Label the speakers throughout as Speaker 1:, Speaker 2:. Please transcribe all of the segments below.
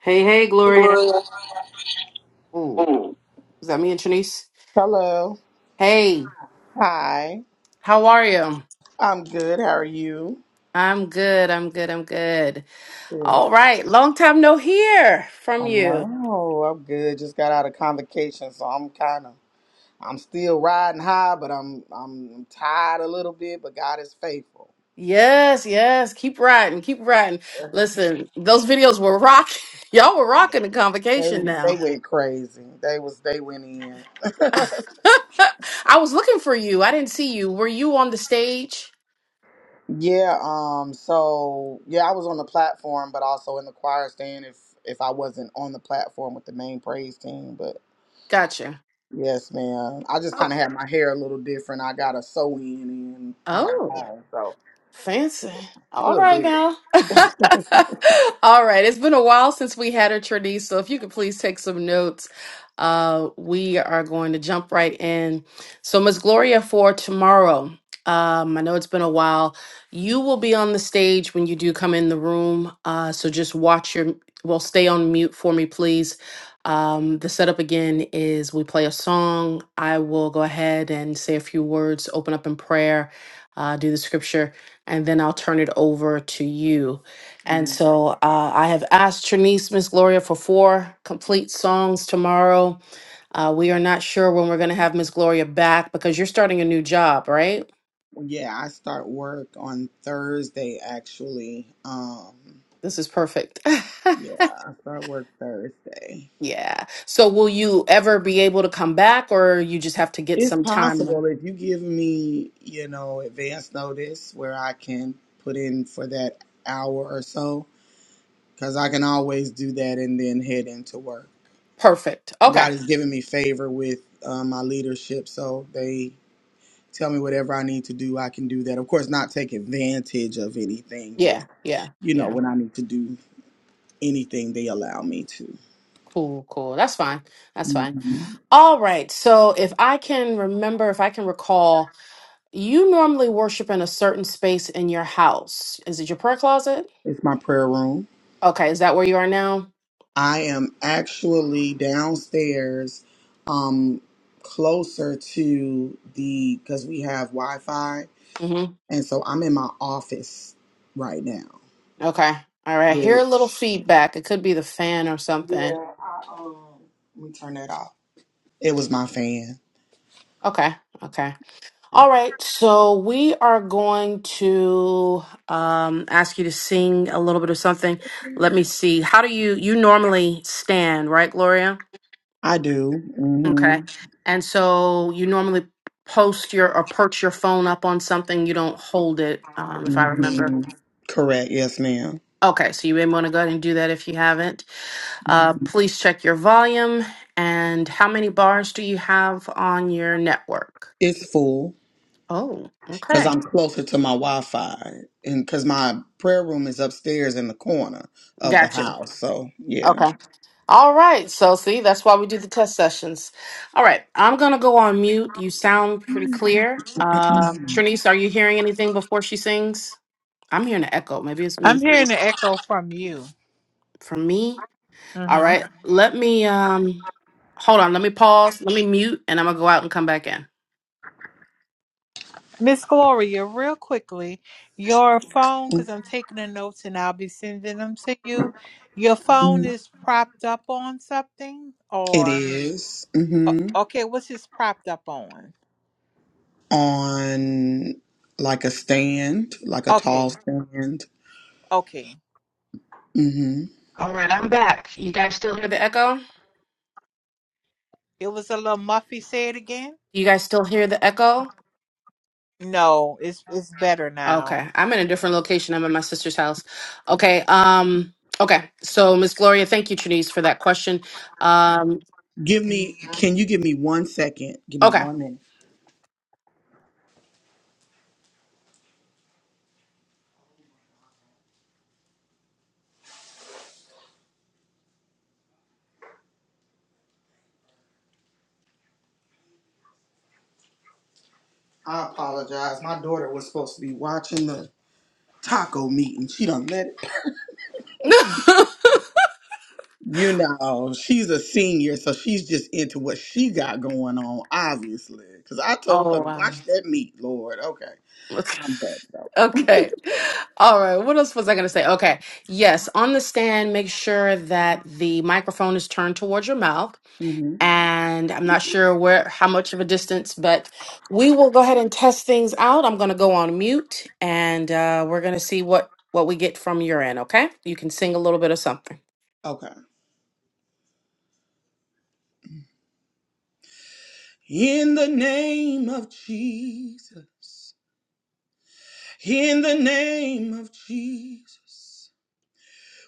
Speaker 1: Hey, hey, Gloria.
Speaker 2: Gloria.
Speaker 1: Ooh, is that me and Trinice?
Speaker 3: Hello.
Speaker 1: Hey,
Speaker 3: Hi.
Speaker 1: how are you?
Speaker 3: I'm good. How are you?
Speaker 1: I'm good. I'm good. I'm good.
Speaker 3: Good.
Speaker 1: All right. Long time no hear
Speaker 3: I
Speaker 1: from you.
Speaker 3: know. I'm good. Just got out of convocation, so I'm kind of I'm still riding high, but I'm I'm tired a little bit. But God is faithful.
Speaker 1: Yes, yes. Keep riding. Keep riding. Listen, those videos were rocking. Y'all were rocking the
Speaker 3: They
Speaker 1: convocation
Speaker 3: they
Speaker 1: now.
Speaker 3: went crazy. They was they went in.
Speaker 1: I was looking for you. I didn't see you. Were you on the stage?
Speaker 3: Yeah. Um. So yeah, I was on the platform, but also in the choir stand. If if I wasn't on the platform with the main praise team, but.
Speaker 1: Gotcha.
Speaker 3: Yes, ma'am. I just
Speaker 1: Oh.
Speaker 3: kind of had my hair a little different. I got a sew in and kind of
Speaker 1: Oh.
Speaker 3: long, so
Speaker 1: Fancy.
Speaker 3: a
Speaker 1: All
Speaker 3: little
Speaker 1: right now.
Speaker 3: bit.
Speaker 1: All right. It's been a while since we had a tradie, so if you could please take some notes, uh, we are going to jump right in. So, Ms. Gloria, for tomorrow, um, I know it's been a while. You will be on the stage when you do come in the room. Uh, so just watch your. Well, stay on mute for me, please. Um, the setup again is we play a song. I will go ahead and say a few words, open up in prayer, uh, do the scripture and then I'll turn it over to you. And
Speaker 3: Mm,
Speaker 1: so uh, I have asked Trinice Miss Gloria for four complete songs tomorrow. Uh, we are not sure when we're going to have Miss Gloria back because you're starting a new job, right?
Speaker 3: Yeah, I start work on Thursday actually. Um,
Speaker 1: This is perfect.
Speaker 3: yeah, I start work Thursday.
Speaker 1: yeah. So will you ever be able to come back or you just have to get
Speaker 3: It's
Speaker 1: some time?
Speaker 3: possible if you give me, you know, advance notice where I can put in for that hour or so, because I can always do that and then head into work.
Speaker 1: Perfect. Okay.
Speaker 3: God has given me favor with uh, my leadership, so they tell me whatever I need to do, I can do that. Of course, not take advantage of anything.
Speaker 1: Yeah.
Speaker 3: Just
Speaker 1: Yeah.
Speaker 3: you know,
Speaker 1: Yeah.
Speaker 3: when I need to do anything, they allow me to.
Speaker 1: Cool. Cool. That's fine. That's fine.
Speaker 3: hmm
Speaker 1: All right. So if I can remember, if I can recall, You normally worship in a certain space in your house. Is it your prayer closet?
Speaker 3: It's my prayer room.
Speaker 1: Okay, is that where you are now?
Speaker 3: I am actually downstairs, um, closer to the because we have Wi-Fi,
Speaker 1: hmm
Speaker 3: and so I'm in my office right now.
Speaker 1: Okay. All right. Hear a little
Speaker 3: Which
Speaker 1: feedback. It could be the fan or
Speaker 3: yeah,
Speaker 1: something.
Speaker 3: I, um, let me turn that off. It was my fan.
Speaker 1: Okay. Okay. All right. So we are going to um, ask you to sing a little bit of something. Let me see. How do you you normally stand, right, Gloria?
Speaker 3: I do. Mm-hmm.
Speaker 1: Okay. And so you normally post your or perch your phone up on something. You don't hold it, um, if I remember.
Speaker 3: hmm Correct. Yes, ma'am.
Speaker 1: Okay, so you may want to go ahead and do that if you haven't.
Speaker 3: Mhm.
Speaker 1: Uh, please check your volume and how many bars do you have on your network?
Speaker 3: It's full
Speaker 1: Oh,
Speaker 3: because
Speaker 1: okay.
Speaker 3: I'm closer to my Wi-Fi and because my prayer room is upstairs in the corner of the
Speaker 1: Gotcha.
Speaker 3: house. So yeah,
Speaker 1: Okay. All right. So, see, that's why we do the test sessions. All right. I'm going to go on mute. You sound pretty clear. Um, Trinice, are you hearing anything before she sings? I'm hearing an echo. Maybe it's me.
Speaker 2: I'm hearing an echo from you.
Speaker 1: From me? All
Speaker 2: hmm
Speaker 1: right. Let me um, hold on. Let me pause. Let me mute and I'm going to go out and come back in.
Speaker 2: Miss Gloria, real quickly, your phone, because I'm taking the notes and I'll be sending them to you. Your phone
Speaker 3: Mhm.
Speaker 2: is propped up on something,
Speaker 3: It
Speaker 2: or
Speaker 3: is Mm-hmm.
Speaker 2: o- okay, what's this propped up on?
Speaker 3: On like a stand, like a tall
Speaker 2: Okay,
Speaker 3: stand.
Speaker 2: okay.
Speaker 3: hmm
Speaker 1: All right, I'm back. You guys still hear the echo?
Speaker 2: It was a little muffy. Say it again.
Speaker 1: You guys still hear the echo?
Speaker 2: No, it's it's better now.
Speaker 1: Okay. I'm in a different location. I'm at my sister's house. Okay. Um okay. So Miss Gloria, thank you Trinice, for that question. Um
Speaker 3: Give me. Can you give me one second? Give me
Speaker 1: okay.
Speaker 3: one minute. I apologize. My daughter was supposed to be watching the taco meeting. She done let it.
Speaker 1: oh
Speaker 3: You know, she's a senior, so she's just into what she got going on, obviously. Because I told her to
Speaker 1: wow.
Speaker 3: watch that meat, Lord. Okay,
Speaker 1: Okay.
Speaker 3: I'm back though.
Speaker 1: Okay. All right. What else was I going to say? Okay. Yes, on the stand, make sure that the microphone is turned towards your mouth
Speaker 3: hmm
Speaker 1: and I'm not sure where how much of a distance, but we will go ahead and test things out. I'm going to go on mute, and uh, we're going to see what what we get from your end. Okay, you can sing a little bit of something.
Speaker 3: Okay. In the name of Jesus, in the name of Jesus,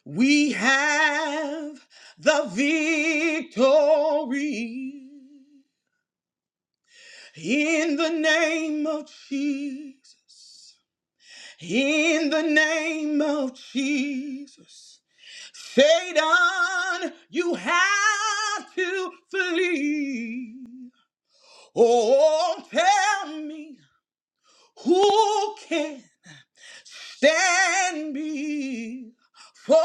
Speaker 3: we have the victory. In the name of Jesus. In the name of Jesus, Satan, you have to flee. Oh, tell me who can stand before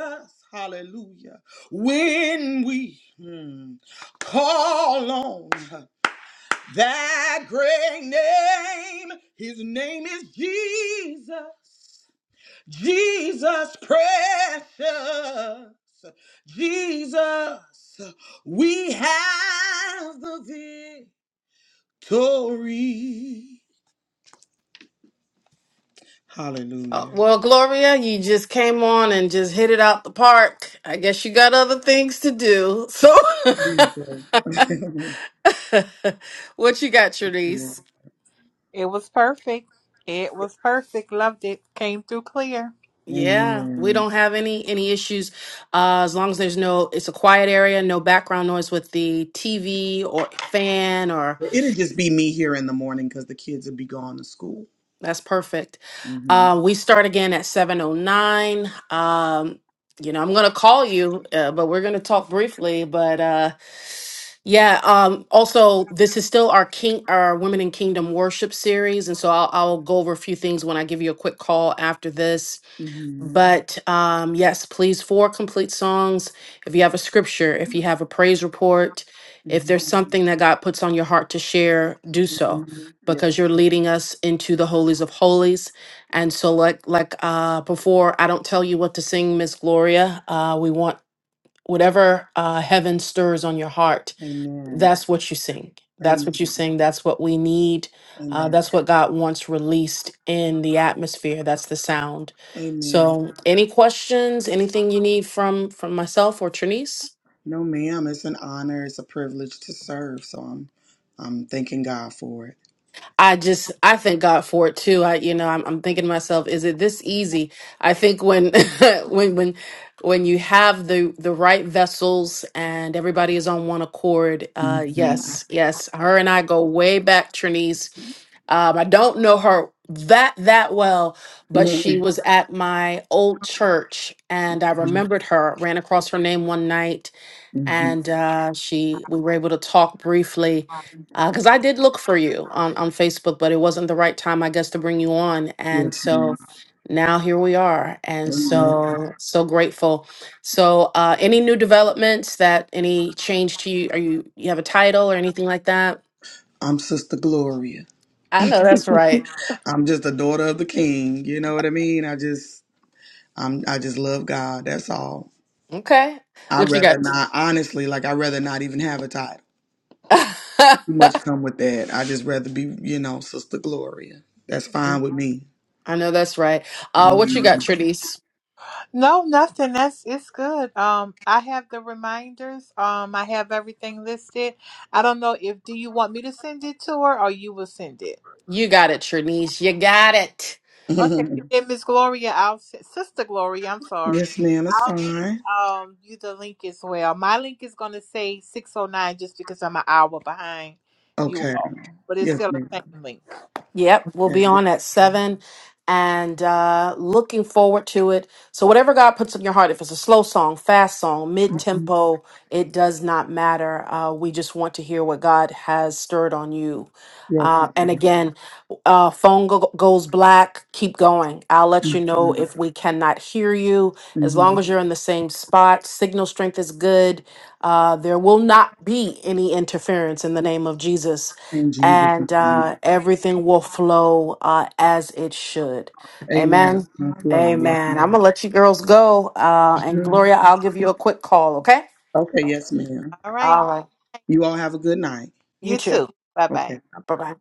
Speaker 3: us? Hallelujah. When we hmm, call on that great name, his name is Jesus. Jesus precious, Jesus, we have the victory.
Speaker 1: Uh,
Speaker 3: Hallelujah.
Speaker 1: well, Gloria, you just came on and just hit it out the park. I guess you got other things to do. So,
Speaker 3: Jesus.
Speaker 1: what you got, Charisse?
Speaker 3: Yeah.
Speaker 2: It was perfect. It was perfect. Loved it. Came through clear.
Speaker 1: Yeah, we
Speaker 3: Amen.
Speaker 1: don't have any any issues uh, as long as there's no it's a quiet area, no background noise with the TV or fan or
Speaker 3: It'll just be me here in the morning because the kids will be gone to school.
Speaker 1: that's perfect.
Speaker 3: hmm
Speaker 1: Uh, we start again at 7:09. Um you know, I'm going to call you, uh, but we're going to talk briefly, but uh yeah, um also this is still our king our Women in Kingdom worship series and so I'll I'll go over a few things when I give you a quick call after this
Speaker 3: hmm
Speaker 1: But um, yes, please, four complete songs. If you have a scripture, if you have a praise report, if
Speaker 3: hmm
Speaker 1: there's something that God puts on your heart to share, do so
Speaker 3: hmm Yes.
Speaker 1: because you're leading us into the holies of holies. And so, like like uh, before, I don't tell you what to sing, Miss Gloria. Uh, we want whatever uh, heaven stirs on your heart
Speaker 3: Amen.
Speaker 1: that's what you sing. That's what you
Speaker 3: Amen.
Speaker 1: sing. That's what we need. Uh,
Speaker 3: Amen.
Speaker 1: that's what God wants released in the atmosphere. That's the sound.
Speaker 3: Amen.
Speaker 1: So, any questions? Anything you need from from myself or Trinice?
Speaker 3: No, ma'am. It's an honor. It's a privilege to serve. So I'm, I'm thanking God for it.
Speaker 1: I just I thank God for it too. I you know I'm, I'm thinking to myself, is it this easy? I think when when when when you have the the right vessels and everybody is on one accord, uh,
Speaker 3: Mhm.
Speaker 1: yes, yes. Her and I go way back, Trinise. Um, I don't know her that that well, but she
Speaker 3: Mhm.
Speaker 1: was at my old church, and I remembered her. Ran across her name one night,
Speaker 3: Mhm.
Speaker 1: and uh, she we were able to talk briefly because I did look for you on on Facebook, but it wasn't the right time, I guess, to bring you on, and
Speaker 3: Yes, ma'am.
Speaker 1: so now here we are, and
Speaker 3: Amen.
Speaker 1: so so grateful. So, uh, any new developments that any change to you? Are you you have a title or anything like that?
Speaker 3: I'm Sister Gloria.
Speaker 1: I know that's right.
Speaker 3: I'm just a daughter of the King. You know what I mean? I just, I'm, I just love God. That's all.
Speaker 1: Okay,
Speaker 3: I
Speaker 1: what you
Speaker 3: rather
Speaker 1: got?
Speaker 3: not, honestly. Like I rather not even have a title. Too much come with that. I just rather be, you know, Sister Gloria. That's fine with me.
Speaker 1: I know that's right. Uh, what you got,
Speaker 3: Mhm.
Speaker 1: Trinice?
Speaker 2: No, nothing. That's it's good. Um, I have the reminders. Um, I have everything listed. I don't know if do you want me to send it to her or you will send it.
Speaker 1: You got it, Trinice. You got it.
Speaker 2: Okay, then Miss Gloria, I'll send, Sister Gloria, I'm sorry.
Speaker 3: yes, ma'am. It's
Speaker 2: I'll send
Speaker 3: fine.
Speaker 2: um you the link as well. My link is gonna say six oh nine just because I'm an hour behind you
Speaker 3: Okay.
Speaker 2: all, but it's
Speaker 3: Yes,
Speaker 2: still
Speaker 3: ma'am.
Speaker 2: the same link.
Speaker 1: Yep, we'll
Speaker 3: Okay.
Speaker 1: be on at seven and uh looking forward to it. So whatever God puts in your heart, if it's a slow song, fast song, mid tempo, it does not matter. Uh we just want to hear what God has stirred on you.
Speaker 3: Yes,
Speaker 1: Uh, and
Speaker 3: ma'am.
Speaker 1: again, uh, phone go- goes black. Keep going. I'll let
Speaker 3: Yes,
Speaker 1: you know
Speaker 3: madam
Speaker 1: if we cannot hear you.
Speaker 3: hmm
Speaker 1: As
Speaker 3: hmm
Speaker 1: long as you're in the same spot, signal strength is good. Uh, there will not be any interference in the name of Jesus
Speaker 3: In Jesus'
Speaker 1: and uh,
Speaker 3: name.
Speaker 1: everything will flow uh, as it should.
Speaker 3: Amen.
Speaker 1: Amen.
Speaker 3: On flow. Yes,
Speaker 1: Amen. I'm
Speaker 3: ma'am.
Speaker 1: going to let you girls go. Uh, and
Speaker 3: Mhm.
Speaker 1: Gloria, I'll give you a quick call, okay?
Speaker 3: Okay. Yes, ma'am.
Speaker 2: All right,
Speaker 1: All right.
Speaker 3: You all have a good night.
Speaker 1: You
Speaker 2: you
Speaker 1: too.
Speaker 2: too. Bye bye.
Speaker 3: Okay.
Speaker 1: Bye bye.